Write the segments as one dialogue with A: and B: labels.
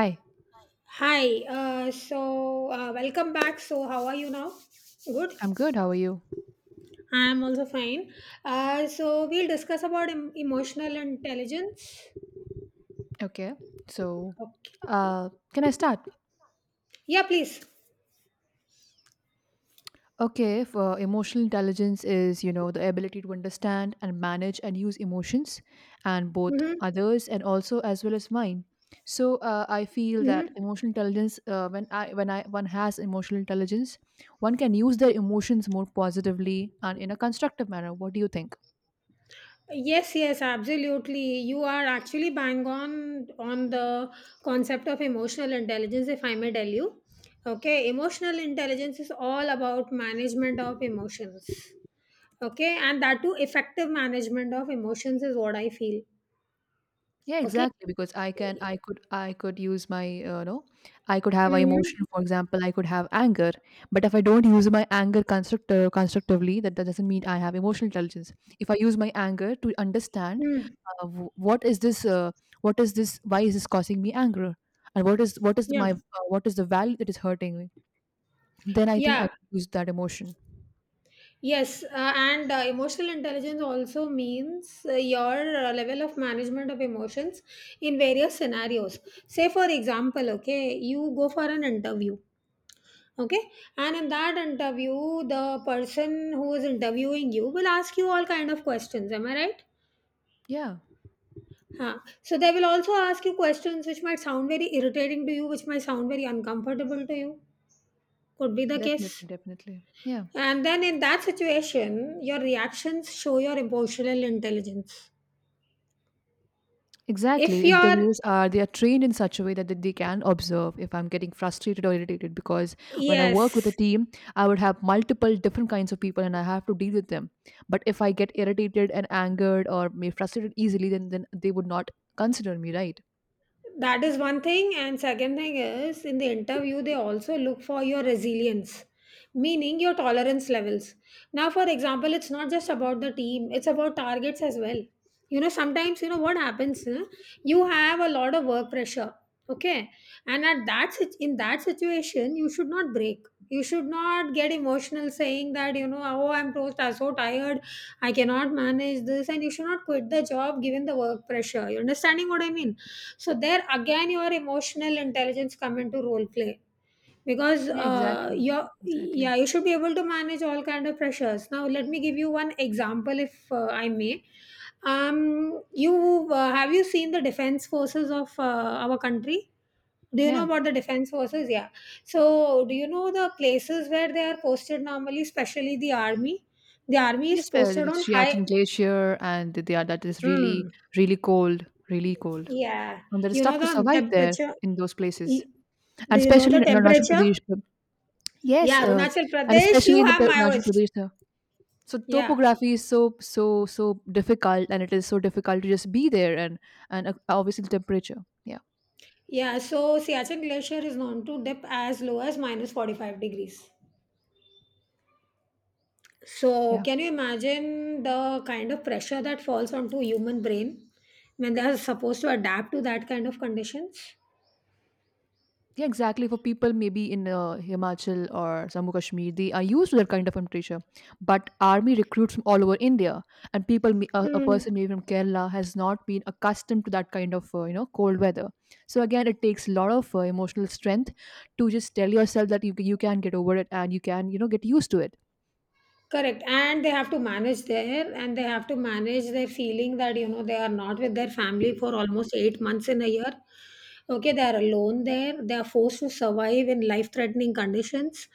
A: Hi,
B: Hi, so welcome back. So, how are you now? Good.
A: I'm good. How are you?
B: I'm also fine. We'll discuss about emotional intelligence.
A: Okay, so
B: Okay.
A: uh, can I start?
B: Yeah, please.
A: Okay, if, emotional intelligence is, you know, the ability to understand and manage and use emotions, and both
B: Mm-hmm.
A: others and also as well as mine. So I feel that
B: Mm-hmm.
A: emotional intelligence, when I one has emotional intelligence, one can use their emotions more positively and in a constructive manner. What do you think?
B: Yes, yes, absolutely. You are actually bang on the concept of emotional intelligence, if I may tell you. Okay, emotional intelligence is all about management of emotions. Okay, and that too, effective management of emotions is what I feel.
A: Yeah,
B: Okay.
A: exactly. Because I could use my, I could have a
B: Hmm.
A: emotion. For example, I could have anger, but if I don't use my anger constructively, that doesn't mean I have emotional intelligence. If I use my anger to understand
B: Hmm.
A: uh, w- what is this, uh, what is this, why is this causing me anger, and what is
B: Yeah.
A: my what is the value that is hurting me, then I think I
B: Yeah.
A: can use that emotion.
B: Yes. And emotional intelligence also means your level of management of emotions in various scenarios. Say, for example, okay, you go for an interview. Okay, and in that interview, the person who is interviewing you will ask you all kind of questions. Am I right?
A: Yeah,
B: Huh. So they will also ask you questions which might sound very irritating to you, which might sound very uncomfortable to you. Could be the case.
A: definitely, definitely. Yeah.
B: And then in that situation, your reactions show your emotional intelligence. If
A: Exactly.
B: you're,
A: Interviews are they are trained in such a way that they can observe if I'm getting frustrated or irritated because when I work with a
B: yes,
A: team, I would have multiple different kinds of people and I have to deal with them. But if I get irritated and angered or made frustrated easily, then they would not consider me, right?
B: that is one thing, and second thing is in the interview they also look for your resilience, meaning your tolerance levels. Now, for example, it's not just about the team, it's about targets as well. You know, sometimes you know what happens, huh? You have a lot of work pressure. Okay. And in that situation you should not break. You should not get emotional saying that, you know, oh, I'm so, so tired, I cannot manage this, and you should not quit the job given the work pressure. You understanding what I mean? So there again your emotional intelligence come into role play because
A: Yeah, exactly.
B: your
A: Exactly.
B: yeah, you should be able to manage all kind of pressures. Now let me give you one example if I may. You have you seen the defense forces of our country? Do you know
A: Yeah.
B: about the defense forces? Yeah. So do you know the places where they are posted normally, especially the army? The army is
A: Yes, well,
B: posted
A: the
B: on high.
A: Shiachin Glacier and the are that is really,
B: Hmm.
A: really cold, really cold.
B: Yeah.
A: And there is
B: You know
A: tough to
B: the
A: survive there
B: temperature?
A: in those places.
B: Y-
A: And
B: Do you know
A: especially
B: the
A: in Arunachal
B: temperature?
A: Pradesh. Yes,
B: Yeah,
A: uh,
B: Arunachal
A: and
B: Pradesh,
A: especially
B: you
A: in the
B: have
A: Arunachal
B: Maoist.
A: Pradesh. So
B: Yeah.
A: topography is so difficult, and it is so difficult to just be there, and obviously the temperature. Yeah,
B: Yeah, so Siachen Glacier is known to dip as low as minus 45 degrees. So,
A: yeah,
B: can you imagine the kind of pressure that falls onto human brain when they are supposed to adapt to that kind of conditions?
A: yeah. Exactly for people maybe in Himachal or Jammu Kashmir, they are used to that kind of temperature. But army recruits from all over India, and a person
B: Mm.
A: maybe from Kerala has not been accustomed to that kind of you know cold weather. So again, it takes a lot of emotional strength to just tell yourself that you can get over it and you can you know get used to it.
B: Correct. And they have to manage their feeling that, you know, they are not with their family for almost 8 months in a year. Okay, they are alone there. They are forced to survive in life threatening conditions.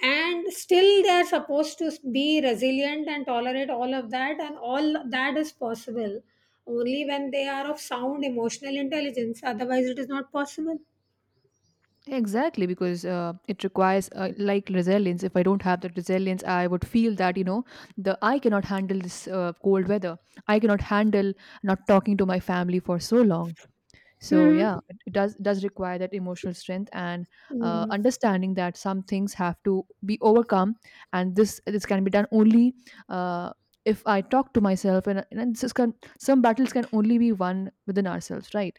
B: And still, they are supposed to be resilient and tolerate all of that. And all that is possible only when they are of sound emotional intelligence. Otherwise, it is not possible.
A: Exactly, because it requires like resilience. If I don't have that resilience, I would feel that you know the I cannot handle this cold weather. I cannot handle not talking to my family for so long. So yeah
B: Hmm.
A: it does require that emotional strength and
B: Mm.
A: understanding that some things have to be overcome and this can be done only uh, if I talk to myself and some battles can only be won within ourselves, right?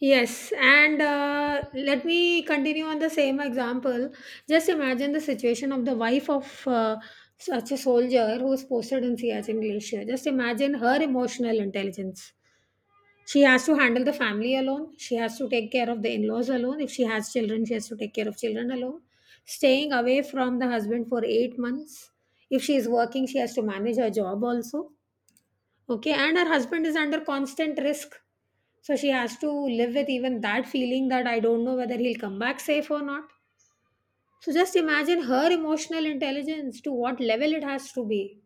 B: Yes, and let me continue on the same example. Just imagine the situation of the wife of such a soldier who is posted in Siachen Glacier. Just imagine her emotional intelligence. She has to handle the family alone. She has to take care of the in laws alone. If she has children, she has to take care of children alone. Staying away from the husband for 8 months. If she is working, she has to manage her job also. Okay, and her husband is under constant risk, so she has to live with even that feeling that I don't know whether he'll come back safe or not. So just imagine her emotional intelligence to what level it has to be.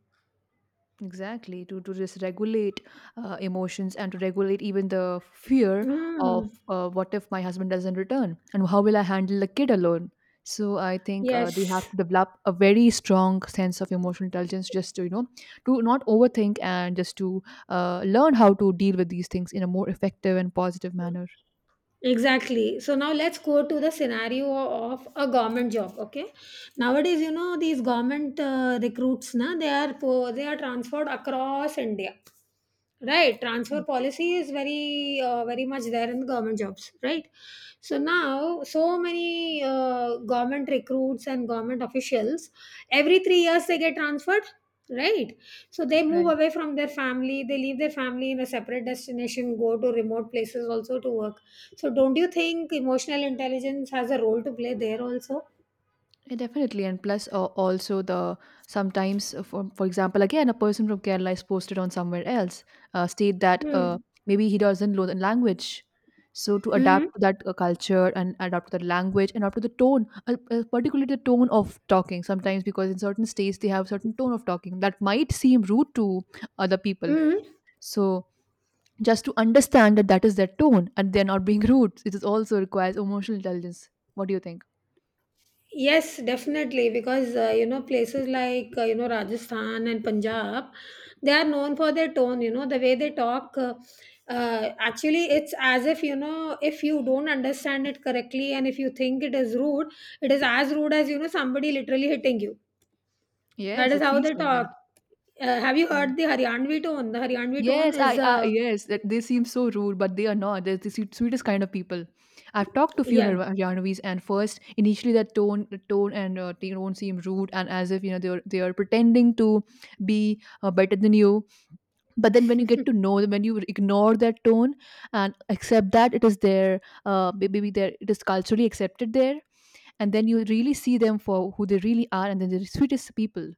A: Exactly, to just regulate emotions and to regulate even the fear of
B: Mm.
A: what if my husband doesn't return and how will I handle the kid alone. So I think they have
B: Yes.
A: to develop a very strong sense of emotional intelligence just to you know to not overthink and just to learn how to deal with these things in a more effective and positive manner.
B: Exactly. So now let's go to the scenario of a government job. Okay. Nowadays, you know, these government recruits, na, they are they are transferred across India, right? Transfer
A: Yeah,
B: policy is very much there in government jobs, right? So now so many government recruits and government officials, every 3 years they get transferred. Right, so they move
A: right.
B: away from their family, they leave their family in a separate destination, go to remote places also to work, so don't you think emotional intelligence has a role to play there also?
A: Yeah, definitely, and plus also the sometimes for example, again a person from Kerala is posted on somewhere else, state that
B: Hmm.
A: maybe he doesn't know the language, so to
B: Mm.
A: adapt to that culture and adapt to the language and adapt to the tone, particularly the tone of talking. Sometimes because in certain states they have certain tone of talking that might seem rude to other people,
B: Mm.
A: so just to understand that that is their tone and they're not being rude, it is also requires emotional intelligence. What do you think?
B: Yes, definitely. Because you know, places like you know, Rajasthan and Punjab, they are known for their tone. You know the way they talk. Actually, it's as if, you know, if you don't understand it correctly, and if you think it is rude, it is as rude as, you know, somebody literally hitting you. That
A: Yes,
B: is
A: it
B: how
A: feels
B: they
A: like
B: talk.
A: that.
B: Have you
A: Yeah.
B: heard the Haryanvi tone? The Haryanvi tone
A: Yes,
B: is,
A: I yes, that they seem so rude, but they are not. They're the sweetest kind of people. I've talked to few
B: yeah.
A: Haryanvis, and first, initially, the tone, and not seem rude, and as if you know they are pretending to be better than you. But then, when you get to know them, when you ignore that tone and accept that it is their, maybe their it is culturally accepted there, and then you really see them for who they really are, and then they're the sweetest people.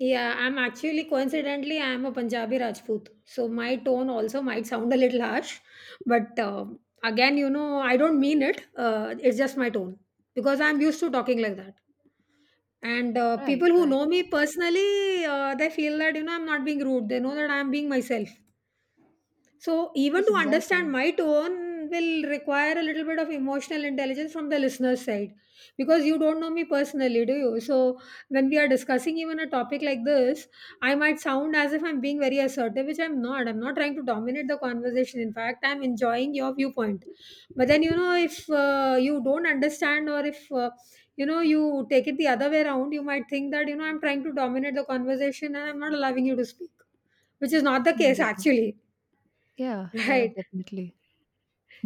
B: Yeah, I'm actually coincidentally I am a Punjabi Rajput, so my tone also might sound a little harsh, but again, you know, I don't mean it. It's just my tone because I'm used to talking like that. And
A: Right,
B: people who
A: right.
B: know me personally, they feel that, you know, I'm not being rude. They know that I'm being myself. So, even
A: Yes,
B: to understand
A: exactly.
B: my tone will require a little bit of emotional intelligence from the listener's side because you don't know me personally, do you? So, when we are discussing even a topic like this, I might sound as if I'm being very assertive, which I'm not. I'm not trying to dominate the conversation. In fact, I'm enjoying your viewpoint. But then, you know, if you don't understand or if you know, you take it the other way around, you might think that, you know, I'm trying to dominate the conversation and I'm not allowing you to speak, which is not the
A: Yeah,
B: case
A: definitely.
B: actually,
A: Yeah, yeah,
B: right?
A: definitely.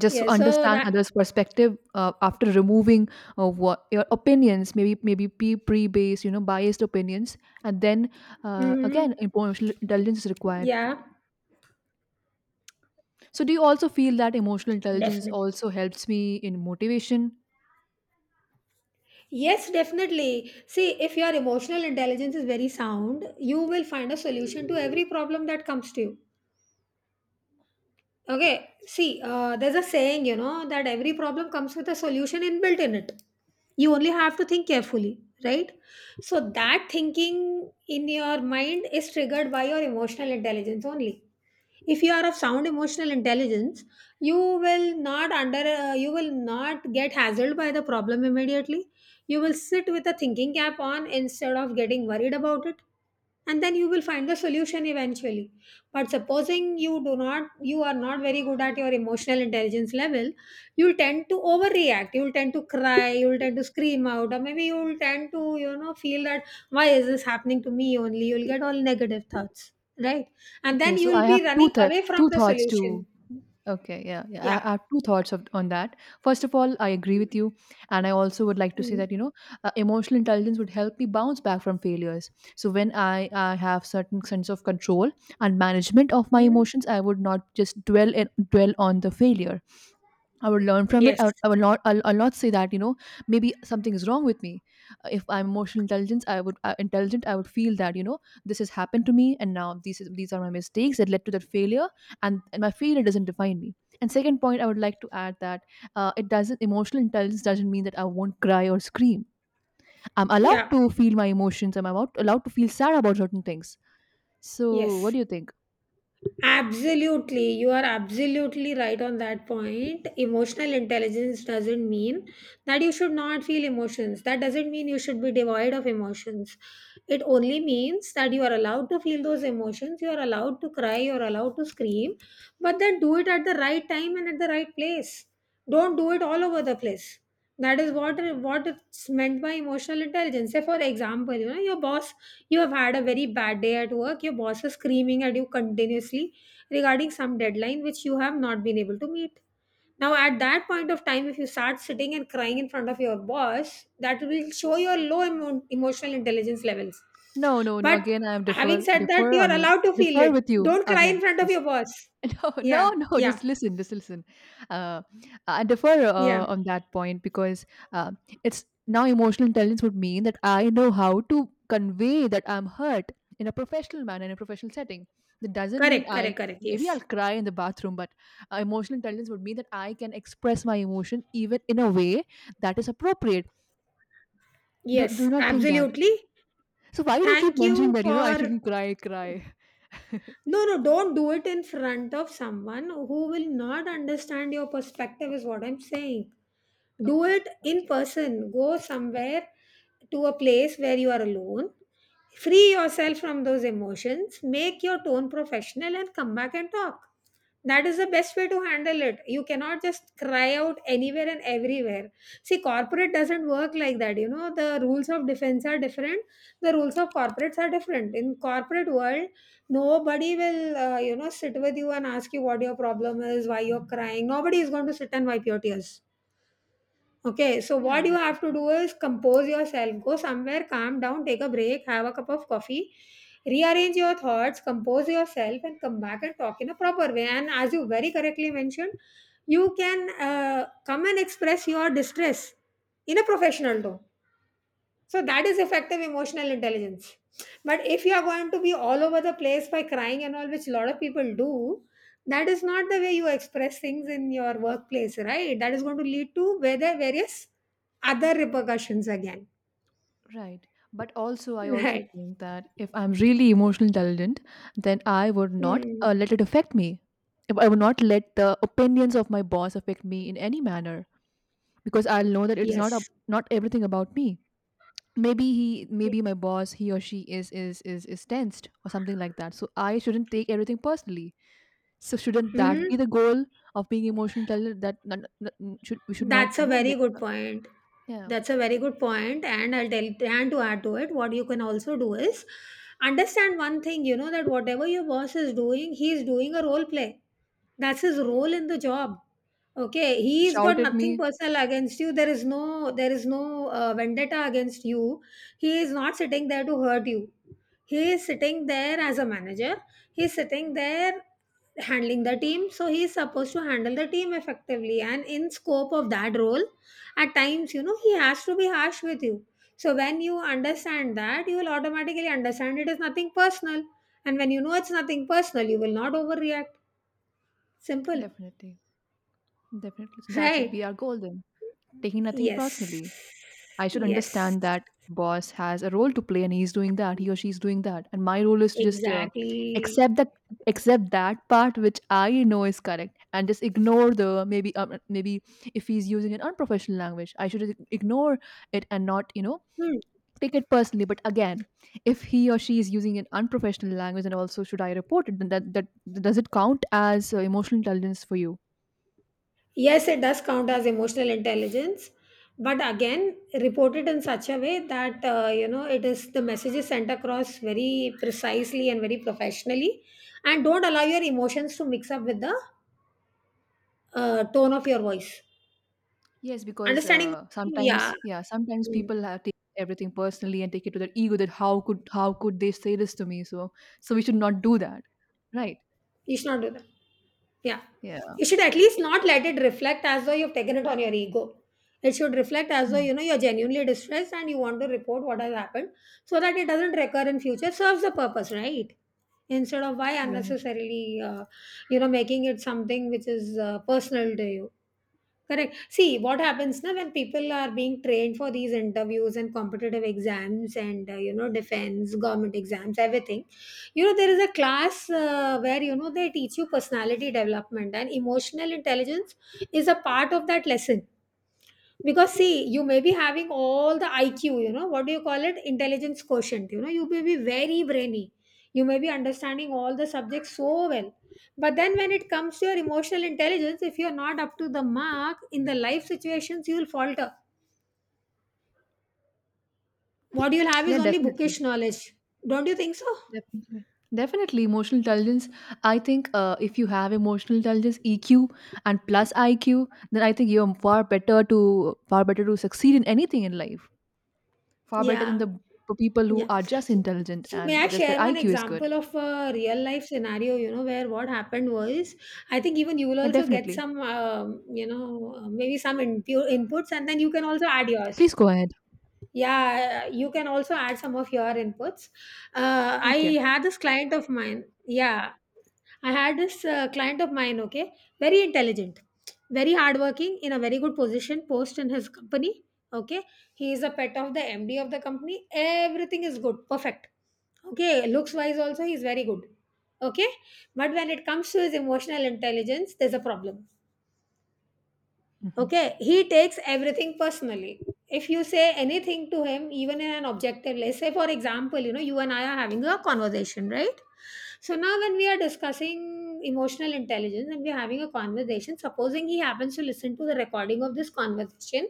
A: Just
B: Yeah,
A: to
B: so
A: understand
B: that,
A: others perspective after removing what your opinions maybe pre-based you know biased opinions and then
B: mm,
A: again emotional intelligence is required.
B: yeah,
A: So do you also feel that emotional intelligence
B: definitely.
A: also helps me in motivation?
B: Yes, definitely. See, if your emotional intelligence is very sound, you will find a solution to every problem that comes to you. Okay, see, there's a saying, you know, that every problem comes with a solution inbuilt in it. You only have to think carefully, right? So that thinking in your mind is triggered by your emotional intelligence only. If you are of sound emotional intelligence, you will not under you will not get hassled by the problem immediately. You will sit with a thinking cap on instead of getting worried about it, and then you will find the solution eventually. But supposing you are not very good at your emotional intelligence level, you'll tend to overreact, you'll tend to cry, you'll tend to scream out, or maybe you'll tend to, you know, feel that why is this happening to me only, you'll get all negative thoughts, right? And then
A: Okay, so
B: you'll
A: I
B: be
A: have
B: running away from
A: two
B: the
A: thoughts
B: solution.
A: to. Okay, yeah, yeah. I
B: Yeah.
A: I have two thoughts of, on that. First of all, I agree with you, and I also would like to say
B: Mhm.
A: that you know, emotional intelligence would help me bounce back from failures. So when I have certain sense of control and management of my
B: Mhm.
A: emotions, I would not just dwell on the failure. I would learn from it.
B: Yes.
A: I'll not say that you know maybe something is wrong with me. If I'm emotional intelligence, I would intelligent. I would feel that you know this has happened to me, and now these are my mistakes that led to that failure, and my failure doesn't define me. And second point, I would like to add that it doesn't emotional intelligence doesn't mean that I won't cry or scream. I'm allowed
B: Yeah.
A: to feel my emotions. I'm about allowed to feel sad about certain things. So what
B: Yes.
A: do you think?
B: Absolutely, you are absolutely right on that point. Emotional intelligence doesn't mean that you should not feel emotions. That doesn't mean you should be devoid of emotions. It only means that you are allowed to feel those emotions, you are allowed to cry, you are allowed to scream, but then do it at the right time and at the right place. Don't do it all over the place. That is what it's meant by emotional intelligence. Say, for example, you know, you have had a very bad day at work, your boss is screaming at you continuously regarding some deadline which you have not been able to meet. Now, at that point of time, if you start sitting and crying in front of your boss, that will show your low emotional intelligence levels.
A: No, no, no.
B: But
A: Again, I am
B: having said that,
A: defer
B: you are
A: on you.
B: allowed to feel
A: Defer
B: it.
A: with you
B: Don't cry in
A: again.
B: front of
A: Yes.
B: your boss.
A: Oh, no,
B: Yeah,
A: no, just
B: yeah,
A: listen, just listen. Uh, I defer
B: yeah.
A: on that point because uh, it's now emotional intelligence would mean that I know how to convey that I'm hurt in a professional manner, in a professional setting. That doesn't mean
B: Correct, correct,
A: I
B: correct.
A: maybe I'll
B: Yes,
A: cry in the bathroom, but emotional intelligence would mean that I can express my emotion even in a way that is appropriate. Do, do
B: yes,
A: you not think that.
B: absolutely.
A: So why do you keep
B: Thank
A: mentioning
B: you
A: that? You know, I
B: for.
A: shouldn't cry.
B: No, no, don't do it in front of someone who will not understand your perspective, is what I'm saying. Do
A: Okay,
B: it in
A: okay.
B: person, go somewhere to a place where you are alone, free yourself from those emotions, make your tone professional and come back and talk. That is the best way to handle it. You cannot just cry out anywhere and everywhere. See, corporate doesn't work like that. You know, the rules of defense are different, the rules of corporates are different. In corporate world, nobody will, you know, sit with you and ask you what your problem is, why you're crying. Nobody is going to sit and wipe your tears. Okay, so what
A: Yer
B: you have to
A: depolama.
B: do is compose yourself, go somewhere, calm down, take a break, have a cup of coffee, rearrange your thoughts, compose yourself, and come back and talk in a proper way. And as you very correctly mentioned, you can come and express your distress in a professional tone, so that is effective emotional intelligence. But if you are going to be all over the place by crying and all, which a lot of people do, that is not the way you express things in your workplace, right? That is going to lead to whether various other repercussions again,
A: Right. But also, I also
B: right?
A: think that if I'm really emotionally intelligent, then I would not
B: Mm.
A: let it affect me. If I would not let the opinions of my boss affect me in any manner because I'll know that it is not
B: Yes.
A: not everything about me. Maybe my boss, he or she is tensed or something like that. So I shouldn't take everything personally. So shouldn't that
B: Hmm.
A: be the goal of being emotionally intelligent? That n- n- n- Should we should not
B: That's a
A: you know
B: very
A: let
B: good point.
A: yeah
B: That's a very good point, and I'll tell and to add to it, what you can also do is understand one thing. You know that whatever your boss is doing, he is doing a role play. That's his role in the job. Okay,
A: to
B: he's
A: shout
B: got
A: at
B: nothing
A: me.
B: personal against you. There is no vendetta against you. He is not sitting there to hurt you. He is sitting there as a manager. He's sitting there handling the team. So he's supposed to handle the team effectively. And in scope of that role, at times, he has to be harsh with you. So when you understand that, you will automatically understand it is nothing personal. And when you know it's nothing personal, you will not overreact. Simple.
A: Definitely. Definitely. So that should
B: Right.
A: be our goal then. Taking nothing
B: Yes.
A: personally. I should
B: Yes.
A: understand that boss has a role to play and he's doing that, he or she's doing that. And my role is to just
B: Exactly.
A: accept that part which I know is correct and just ignore the maybe if he's using an unprofessional language, I should ignore it and not, you know,
B: Hmm.
A: take it personally. But again, if he or she is using an unprofessional language and also should I report it, then that does it count as emotional intelligence for you?
B: Yes, it does count as emotional intelligence, but again, reported in such a way that it is the message is sent across very precisely and very professionally, and don't allow your emotions to mix up with the tone of your voice.
A: Yes, because
B: Understanding what I mean? Yeah.
A: yeah, sometimes
B: Hmm.
A: people have take everything personally and take it to their ego that how could they say this to me? So so we should not do that, right?
B: You should not do that. Yeah.
A: Yeah,
B: You should at least not let it reflect as though you've taken it on your ego. It should reflect as though
A: Mm,
B: you're genuinely distressed and you want to report what has happened so that it doesn't recur in future. Serves the purpose, right? Instead of why
A: right.
B: unnecessarily, making it something which is personal to you. Correct. See, what happens now when people are being trained for these interviews and competitive exams and, defense, government exams, everything. There is a class where, they teach you personality development, and emotional intelligence is a part of that lesson. Because see, you may be having all the IQ, what do you call it, intelligence quotient. You may be very brainy, you may be understanding all the subjects so well. But then when it comes to your emotional intelligence, if you're not up to the mark in the life situations, you will falter. What you'll have is
A: Yeah,
B: only
A: definitely,
B: bookish knowledge. Don't you think so?
A: definitely, definitely. Emotional intelligence. I think if you have emotional intelligence EQ and plus IQ, then I think you're far better to succeed in anything in life. Far better than
B: Yeah.
A: the people who
B: Yeah.
A: are just intelligent
B: So may
A: and
B: I
A: just their
B: share one
A: IQ is
B: example
A: good.
B: of a real life scenario, where what happened was, I think even you will
A: Yeah,
B: also get
A: definitely.
B: some, maybe some inputs, and then you can also add yours.
A: Please go ahead.
B: Yeah, you can also add some of your inputs. I
A: Okay.
B: had this client of mine. Yeah, I had this client of mine. Okay, very intelligent, very hardworking, in a very good position, post in his company. Okay, he is a pet of the MD of the company. Everything is good, perfect. Okay, looks wise also he's very good. Okay, but when it comes to his emotional intelligence, there's a problem.
A: Hmm,
B: Okay, he takes everything personally. If you say anything to him, even in an objective, let's say, for example, you and I are having a conversation, right? So now, when we are discussing emotional intelligence and we're having a conversation, supposing he happens to listen to the recording of this conversation,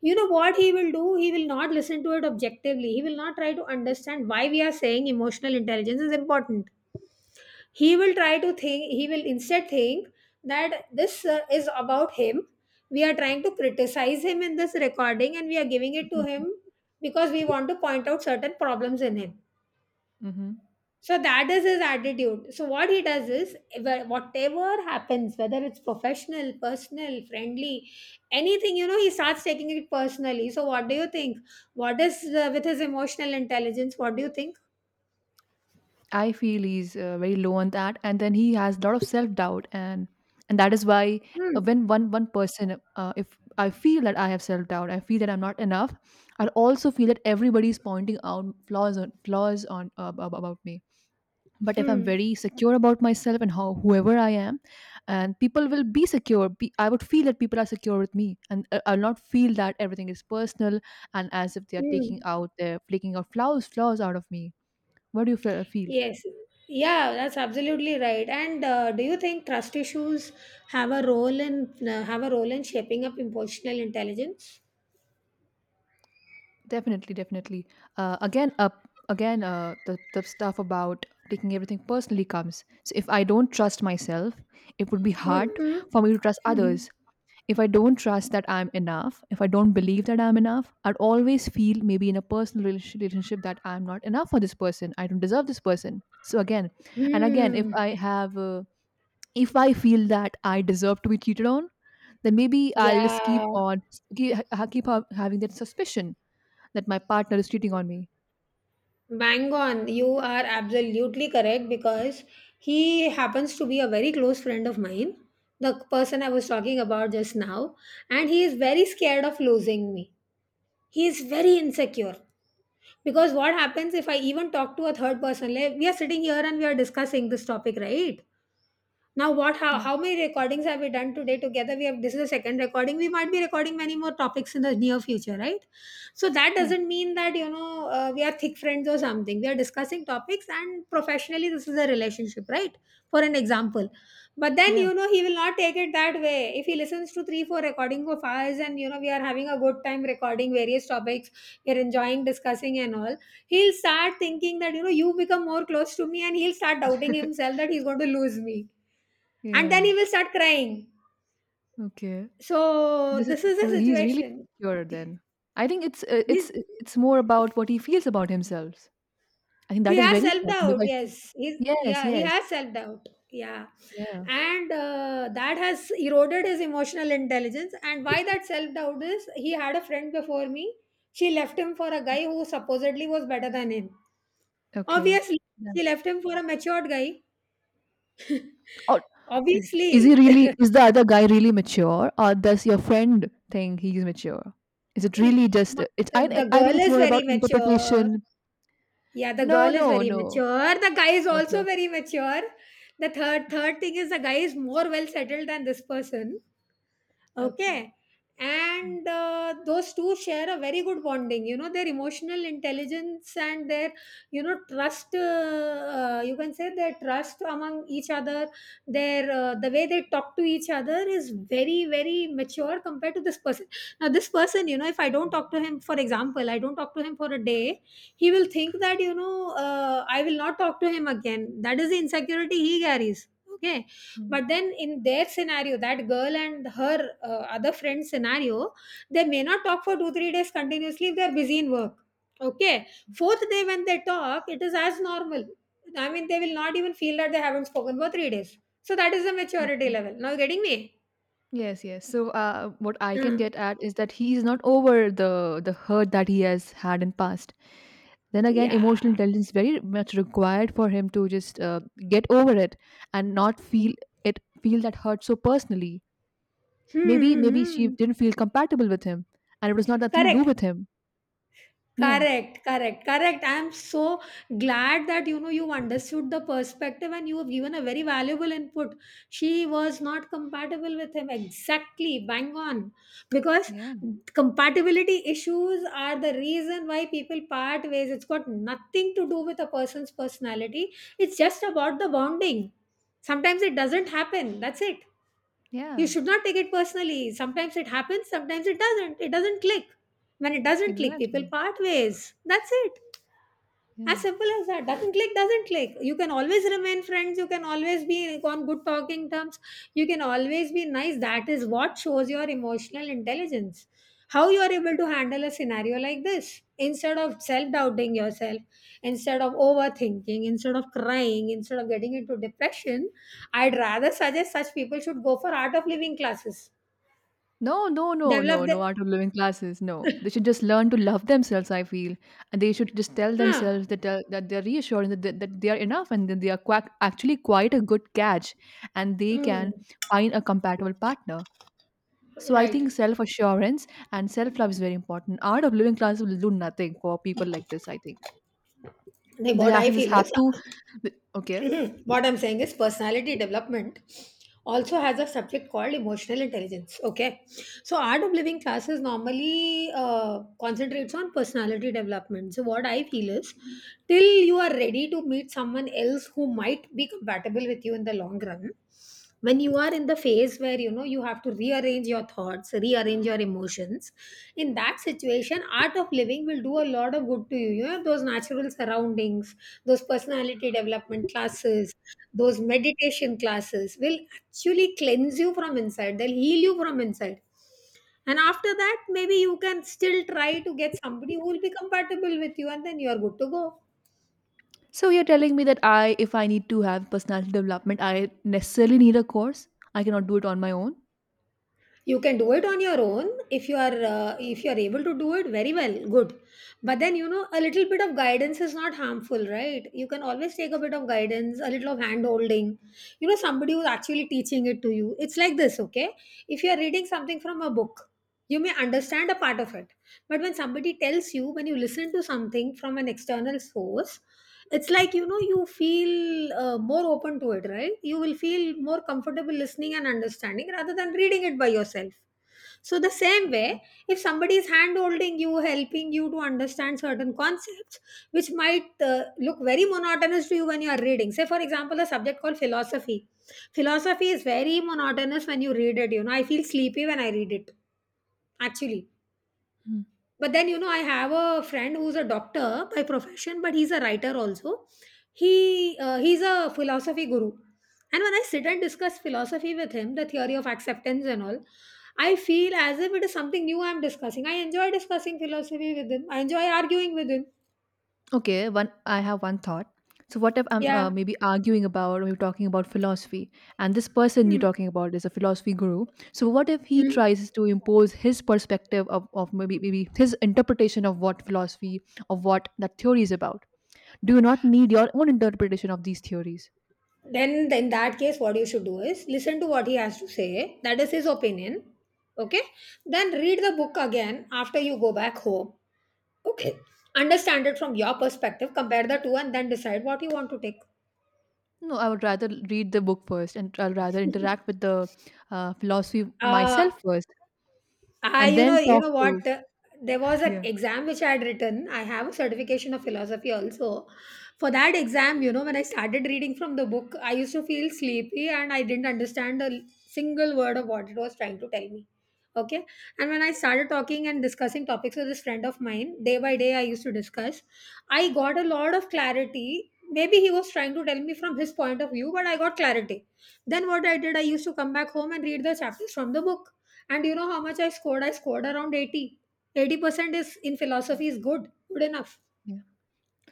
B: you know what he will do? He will not listen to it objectively. He will not try to understand why we are saying emotional intelligence is important. He will instead think that this is about him. We are trying to criticize him in this recording, and we are giving it to him because we want to point out certain problems in him.
A: hmm.
B: So that is his attitude. So what he does is whatever happens, whether it's professional, personal, friendly, anything, he starts taking it personally. So what do you think? What is with his emotional intelligence? What do you think?
A: I feel he's very low on that, and then he has a lot of self doubt, and that is why
B: Hmm.
A: when one one person, if I feel that I have self doubt, I feel that I'm not enough. I also feel that everybody is pointing out flaws on about me. But if I'm
B: Hmm.
A: very secure about myself and how whoever I am and people will be secure be, I would feel that people are secure with me, and I'll not feel that everything is personal and as if they are
B: Hmm.
A: taking out their flaking out flaws flaws out of me. What do you feel?
B: Yes. Yeah, that's absolutely right. And do you think trust issues have a role in shaping up emotional intelligence?
A: Definitely, definitely. Again up again the stuff about taking everything personally comes. So if I don't trust myself, it would be hard
B: Mm-hmm.
A: for me to trust
B: Mm-hmm.
A: others. If I don't trust that I'm enough, if I don't believe that I'm enough, I'd always feel maybe in a personal relationship that I'm not enough for this person. I don't deserve this person. So again, and again, if
B: Hmm.
A: I have, if I feel that I deserve to be cheated on, then maybe I'll just keep
B: Yeah.
A: on keep, keep having that suspicion that my partner is cheating on me.
B: Bang on. You are absolutely correct, because he happens to be a very close friend of mine, the person I was talking about just now, and he is very scared of losing me. He is very insecure, because what happens if I even talk to a third person, like we are sitting here and we are discussing this topic right now. What? How,
A: Yeah.
B: how many recordings have we done today together? We have This is the second recording. We might be recording many more topics in the near future, right? So that
A: Yeah,
B: doesn't mean that we are thick friends or something. We are discussing topics, and professionally, this is a relationship, right? For an example, but then
A: yeah.
B: he will not take it that way. If he listens to three, four recording of ours, and we are having a good time recording various topics, we are enjoying discussing and all, he'll start thinking that you become more close to me, and he'll start doubting himself that he's going to lose me. And then
A: Yeah.
B: he will start crying.
A: Okay.
B: So
A: This is,
B: this is
A: so
B: the
A: he's really
B: situation.
A: secure then. I think it's uh,
B: He's,
A: it's it's more about what he feels about himself. I think
B: he
A: that is
B: has
A: very
B: self
A: important. If
B: doubt.
A: I feel,
B: Yes, he's
A: yes,
B: yeah. He
A: yes,
B: has self doubt. Yeah,
A: yeah.
B: and that has eroded his emotional intelligence. And why that self doubt is, he had a friend before me. She left him for a guy who supposedly was better than him.
A: Okay.
B: Obviously,
A: Yeah.
B: she left him for a matured guy.
A: Or is he
B: Obviously,
A: really? Is the other guy really mature, or does your friend think he's mature? Is it
B: he-
A: really just? It's
B: the,
A: I
B: the
A: I think
B: girl
A: it's
B: is
A: more
B: very
A: about
B: mature.
A: interpretation.
B: Yeah, the
A: No,
B: girl is
A: no,
B: very
A: no.
B: mature. The guy is also
A: Okay.
B: very mature. The third thing is the guy is more well settled than this person.
A: Okay.
B: Okay. And those two share a very good bonding. Their emotional intelligence and their, trust. You can say their trust among each other. The way they talk to each other is very very mature compared to this person. Now, this person, if I don't talk to him, for example, I don't talk to him for a day, he will think that I will not talk to him again. That is the insecurity he carries. Okay,
A: Mhm.
B: but then in their scenario, that girl and her other friend scenario, they may not talk for 2 3 days continuously if they are busy in work. Okay, fourth day when they talk, it is as normal. I mean, they will not even feel that they haven't spoken for 3 days. So that is the maturity
A: Okay.
B: level. Now you getting me?
A: Yes, yes. So, what I can
B: Uh,
A: get at is that he is not over the hurt that he has had in past. Then again,
B: yeah.
A: emotional intelligence is very much required for him to just get over it and not feel it feel that hurt so personally. Maybe
B: Hmm, hmm,
A: maybe she
B: hmm.
A: didn't feel compatible with him, and it was not nothing to do
B: Correct.
A: with him. Yeah.
B: Correct, correct, correct. I'm so glad that you understood the perspective, and you have given a very valuable input. She was not compatible with him exactly, bang on, because
A: Yeah,
B: compatibility issues are the reason why people part ways. It's got nothing to do with a person's personality, it's just about the bonding. Sometimes it doesn't happen. That's it. You
A: yeah,
B: should not take it personally. Sometimes it happens, sometimes it doesn't. It doesn't click. When it doesn't click, people
A: exactly.
B: part ways. That's it. As
A: Yeah.
B: simple as that. Doesn't click, doesn't click. You can always remain friends. You can always be on good talking terms. You can always be nice. That is what shows your emotional intelligence. How you are able to handle a scenario like this. Instead of self doubting yourself, instead of overthinking, instead of crying, instead of getting into depression, I'd rather suggest such people should go for art of living classes.
A: No, no, no,
B: Develop
A: no, no
B: the.
A: art of living classes. No, they should just learn to love themselves. I feel, and they should just tell
B: Huh.
A: themselves that that they're reassuring that that they are enough, and that they are actually quite a good catch, and they can
B: Mm.
A: find a compatible partner. So I
B: Right.
A: think self assurance and self love is very important. Art of living classes will do nothing for people like this. I think
B: Like
A: they
B: what I
A: ha- just
B: feel
A: have
B: is.
A: to. Th- Okay.
B: Mhm. What I'm saying is personality development also has a subject called emotional intelligence. Okay, so art of living classes normally concentrates on personality development. So what I feel is, till you are ready to meet someone else who might be compatible with you in the long run, when you are in the phase where you have to rearrange your thoughts, rearrange your emotions, in that situation art of living will do a lot of good to you. You know those natural surroundings, those personality development classes, those meditation classes will actually cleanse you from inside. They'll heal you from inside. And after that, maybe you can still try to get somebody who will be compatible with you, and then you're good to go.
A: So you're telling me that if I need to have personality development, I necessarily need a course. I cannot do it on my own.
B: You can do it on your own if you are able to do it very well, good. But then, you know, a little bit of guidance is not harmful, right? You can always take a bit of guidance, a little of hand holding. You know, somebody who's actually teaching it to you, it's like this. Okay, if you are reading something from a book, you may understand a part of it, but when somebody tells you, when you listen to something from an external source, it's like, you know, you feel more open to it, right? You will feel more comfortable listening and understanding rather than reading it by yourself. So the same way,
A: Yeah.
B: if somebody is hand holding you, helping you to understand certain concepts, which might look very monotonous to you when you are reading, say for example a subject called philosophy. Philosophy is very monotonous when you read it, you know, I feel sleepy when I read it, actually.
A: Hmm.
B: But then, you know, I have a friend who's a doctor by profession, but he's a writer also. He he's a philosophy guru. And when I sit and discuss philosophy with him, the theory of acceptance and all, I feel as if it is something new I'm discussing. I enjoy discussing philosophy with him, I enjoy arguing with him.
A: Okay, one. I have one thought. So what if I'm
B: Yeah.
A: maybe arguing about, or are talking about philosophy, and this person you're
B: Hmm.
A: talking about is a philosophy guru. So what if he
B: Hmm.
A: tries to impose his perspective of maybe maybe his interpretation of what philosophy of what that theory is about? Do you not need your own interpretation of these theories?
B: Then in that case, what you should do is listen to what he has to say, that is his opinion. Okay, then read the book again after you go back home. Okay. Understand it from your perspective, compare the two, and then decide what you want to take.
A: No, I would rather read the book first, and I'll rather interact with the philosophy
B: uh,
A: myself first,
B: I,
A: and then
B: you
A: talk
B: know
A: to
B: what? There was an
A: yeah.
B: exam which I had written. I have a certification of philosophy also. For that exam, you know, when I started reading from the book, I used to feel sleepy and I didn't understand a single word of what it was trying to tell me. Okay. And when I started talking and discussing topics with this friend of mine, day by day, I used to discuss. I got a lot of clarity. Maybe he was trying to tell me from his point of view, but I got clarity. Then what I did, I used to come back home and read the chapters from the book, and you know how much I scored? I scored around 80. 80% is in philosophy is good, good enough.
A: Yeah.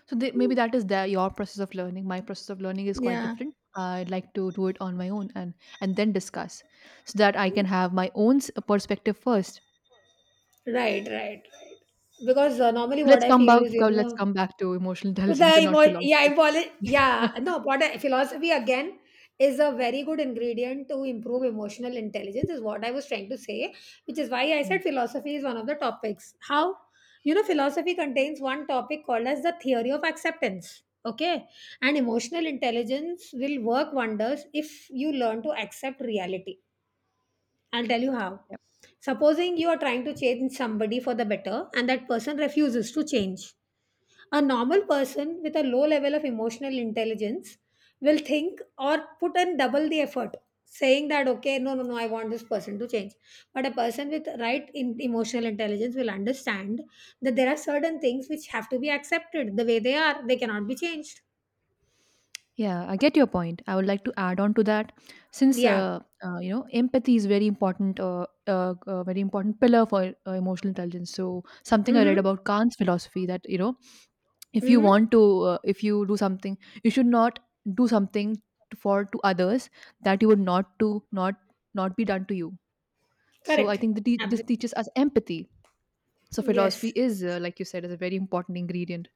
A: So they, maybe that is their, your process of learning. My process of learning is quite
B: Yeah.
A: different. I'd like to do it on my own and then discuss, so that I can have my own perspective first.
B: Right, right, right. Because normally
A: So
B: what
A: let's
B: I
A: come
B: feel
A: back.
B: is, you
A: Let's
B: know,
A: come back to emotional intelligence and not
B: Yeah,
A: philosophy.
B: yeah, no, what I, philosophy again is a very good ingredient to improve emotional intelligence, is what I was trying to say, which is why I
A: Mm,
B: said philosophy is one of the topics. How? You know, philosophy contains one topic called as the theory of acceptance. Okay. And emotional intelligence will work wonders if you learn to accept reality. I'll tell you how.
A: yeah.
B: Supposing you are trying to change somebody for the better and that person refuses to change, a normal person with a low level of emotional intelligence will think or put in double the effort, saying that, okay, no, no, no, I want this person to change. But a person with right in emotional intelligence will understand that there are certain things which have to be accepted the way they are, they cannot be changed.
A: Yeah, I get your point. I would like to add on to that, since
B: Yeah.
A: you know empathy is very important pillar for emotional intelligence. So something I
B: Mm-hmm.
A: read about Kant's philosophy that you know if you
B: Mm-hmm.
A: want to, if you do something, you should not do something for to others that you would not be done to you. So I
B: Correct.
A: think that this
B: Absolutely.
A: teaches us empathy. So
B: Yes.
A: philosophy is, like you said, is a very important ingredient.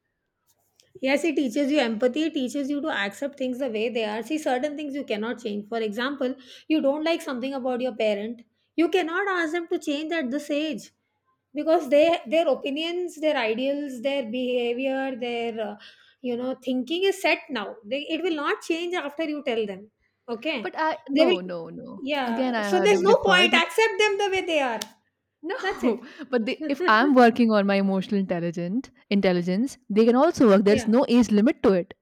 B: Yes, it teaches you empathy. It teaches you to accept things the way they are. See, certain things you cannot change. For example, you don't like something about your parent. You cannot ask them to change at this age because they their opinions, their ideals, their behavior, their you know, thinking is set now. It will not change after you tell them. Okay,
A: But I
B: they
A: no,
B: will.
A: no, no. Again,
B: Yeah.
A: I
B: So
A: have
B: there's
A: to
B: no
A: differ,
B: point.
A: but
B: Accept them the way they are.
A: no.
B: That's it.
A: But they, if I'm working on my emotional intelligent intelligence, they can also work. There's
B: Yeah.
A: no age limit to it,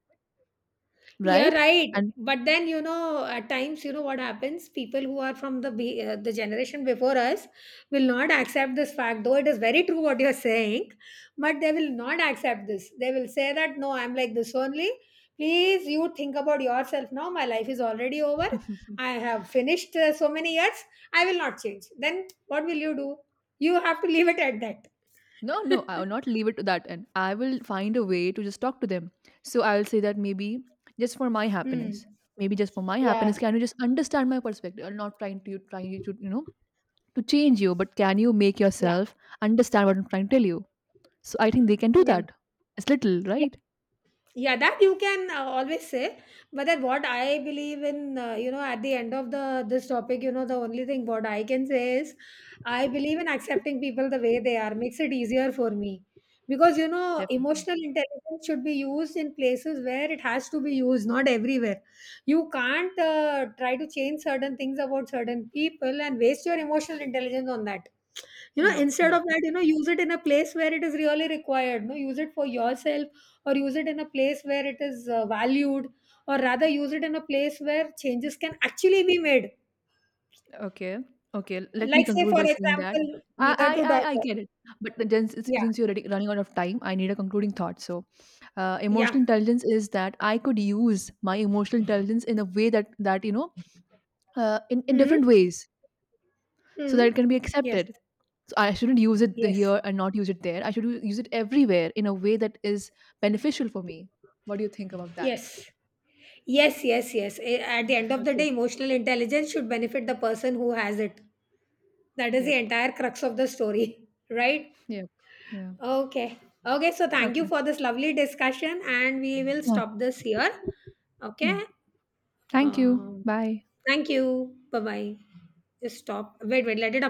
B: You're
A: right?
B: right.
A: And
B: But then, you know, at times, you know what happens? People who are from the the generation before us will not accept this fact, though it is very true what you're saying, but they will not accept this. They will say that, no, I'm like this only. Please, you think about yourself now. My life is already over. I have finished so many years. I will not change. Then what will you do? You have to leave it at that.
A: no, no, I will not leave it to that. And I will find a way to just talk to them. So I will say that maybe just for my
B: Hmm.
A: happiness, maybe just for my
B: Yeah.
A: happiness, can you just understand my perspective? I'm not trying to trying to you know to change you, but can you make
B: Yeah.
A: yourself understand what I'm trying to tell you? So I think they can do
B: Yeah.
A: that. It's little, right?
B: Yeah, that you can always say. But then what I believe in, you know, at the end of the this topic, you know, the only thing what I can say is I believe in accepting people the way they are makes it easier for me. Because, you know,
A: Definitely.
B: emotional intelligence should be used in places where it has to be used, not everywhere. You can't try to change certain things about certain people and waste your emotional intelligence on that. You know,
A: No,
B: instead
A: no.
B: of that, you know, use it in a place where it is really required. No, use it for yourself, or use it in a place where it is valued, or rather use it in a place where changes can actually be made.
A: Okay, okay. Let me
B: Like, say
A: conclude
B: for
A: by saying that
B: example, mother to
A: I
B: daughter.
A: get it, but then
B: Yeah.
A: since you're already running out of time, I need a concluding thought. So
B: Yeah.
A: emotional intelligence is that I could use my emotional intelligence in a way that you know in different
B: Hmm.
A: ways so that
B: Hmm.
A: it can be
B: Yes.
A: accepted. So I shouldn't use it
B: Yes.
A: here and not use it there. I should use it everywhere in a way that is beneficial for me. What do you think about that?
B: Yes. Yes. Yes. Yes. Eh, at the end of the day,
A: Okay.
B: emotional intelligence should benefit the person who has it. That is the
A: Yep.
B: entire crux of the story. Right.
A: Yep. Yeah.
B: Okay. Okay, so thank you
A: Okay.
B: for this lovely discussion and we will
A: Yeah.
B: stop this here. Okay.
A: Yeah, thank you.
B: um,
A: Bye.
B: Thank you. Bye bye. Just stop. Wait, wait. Let it up.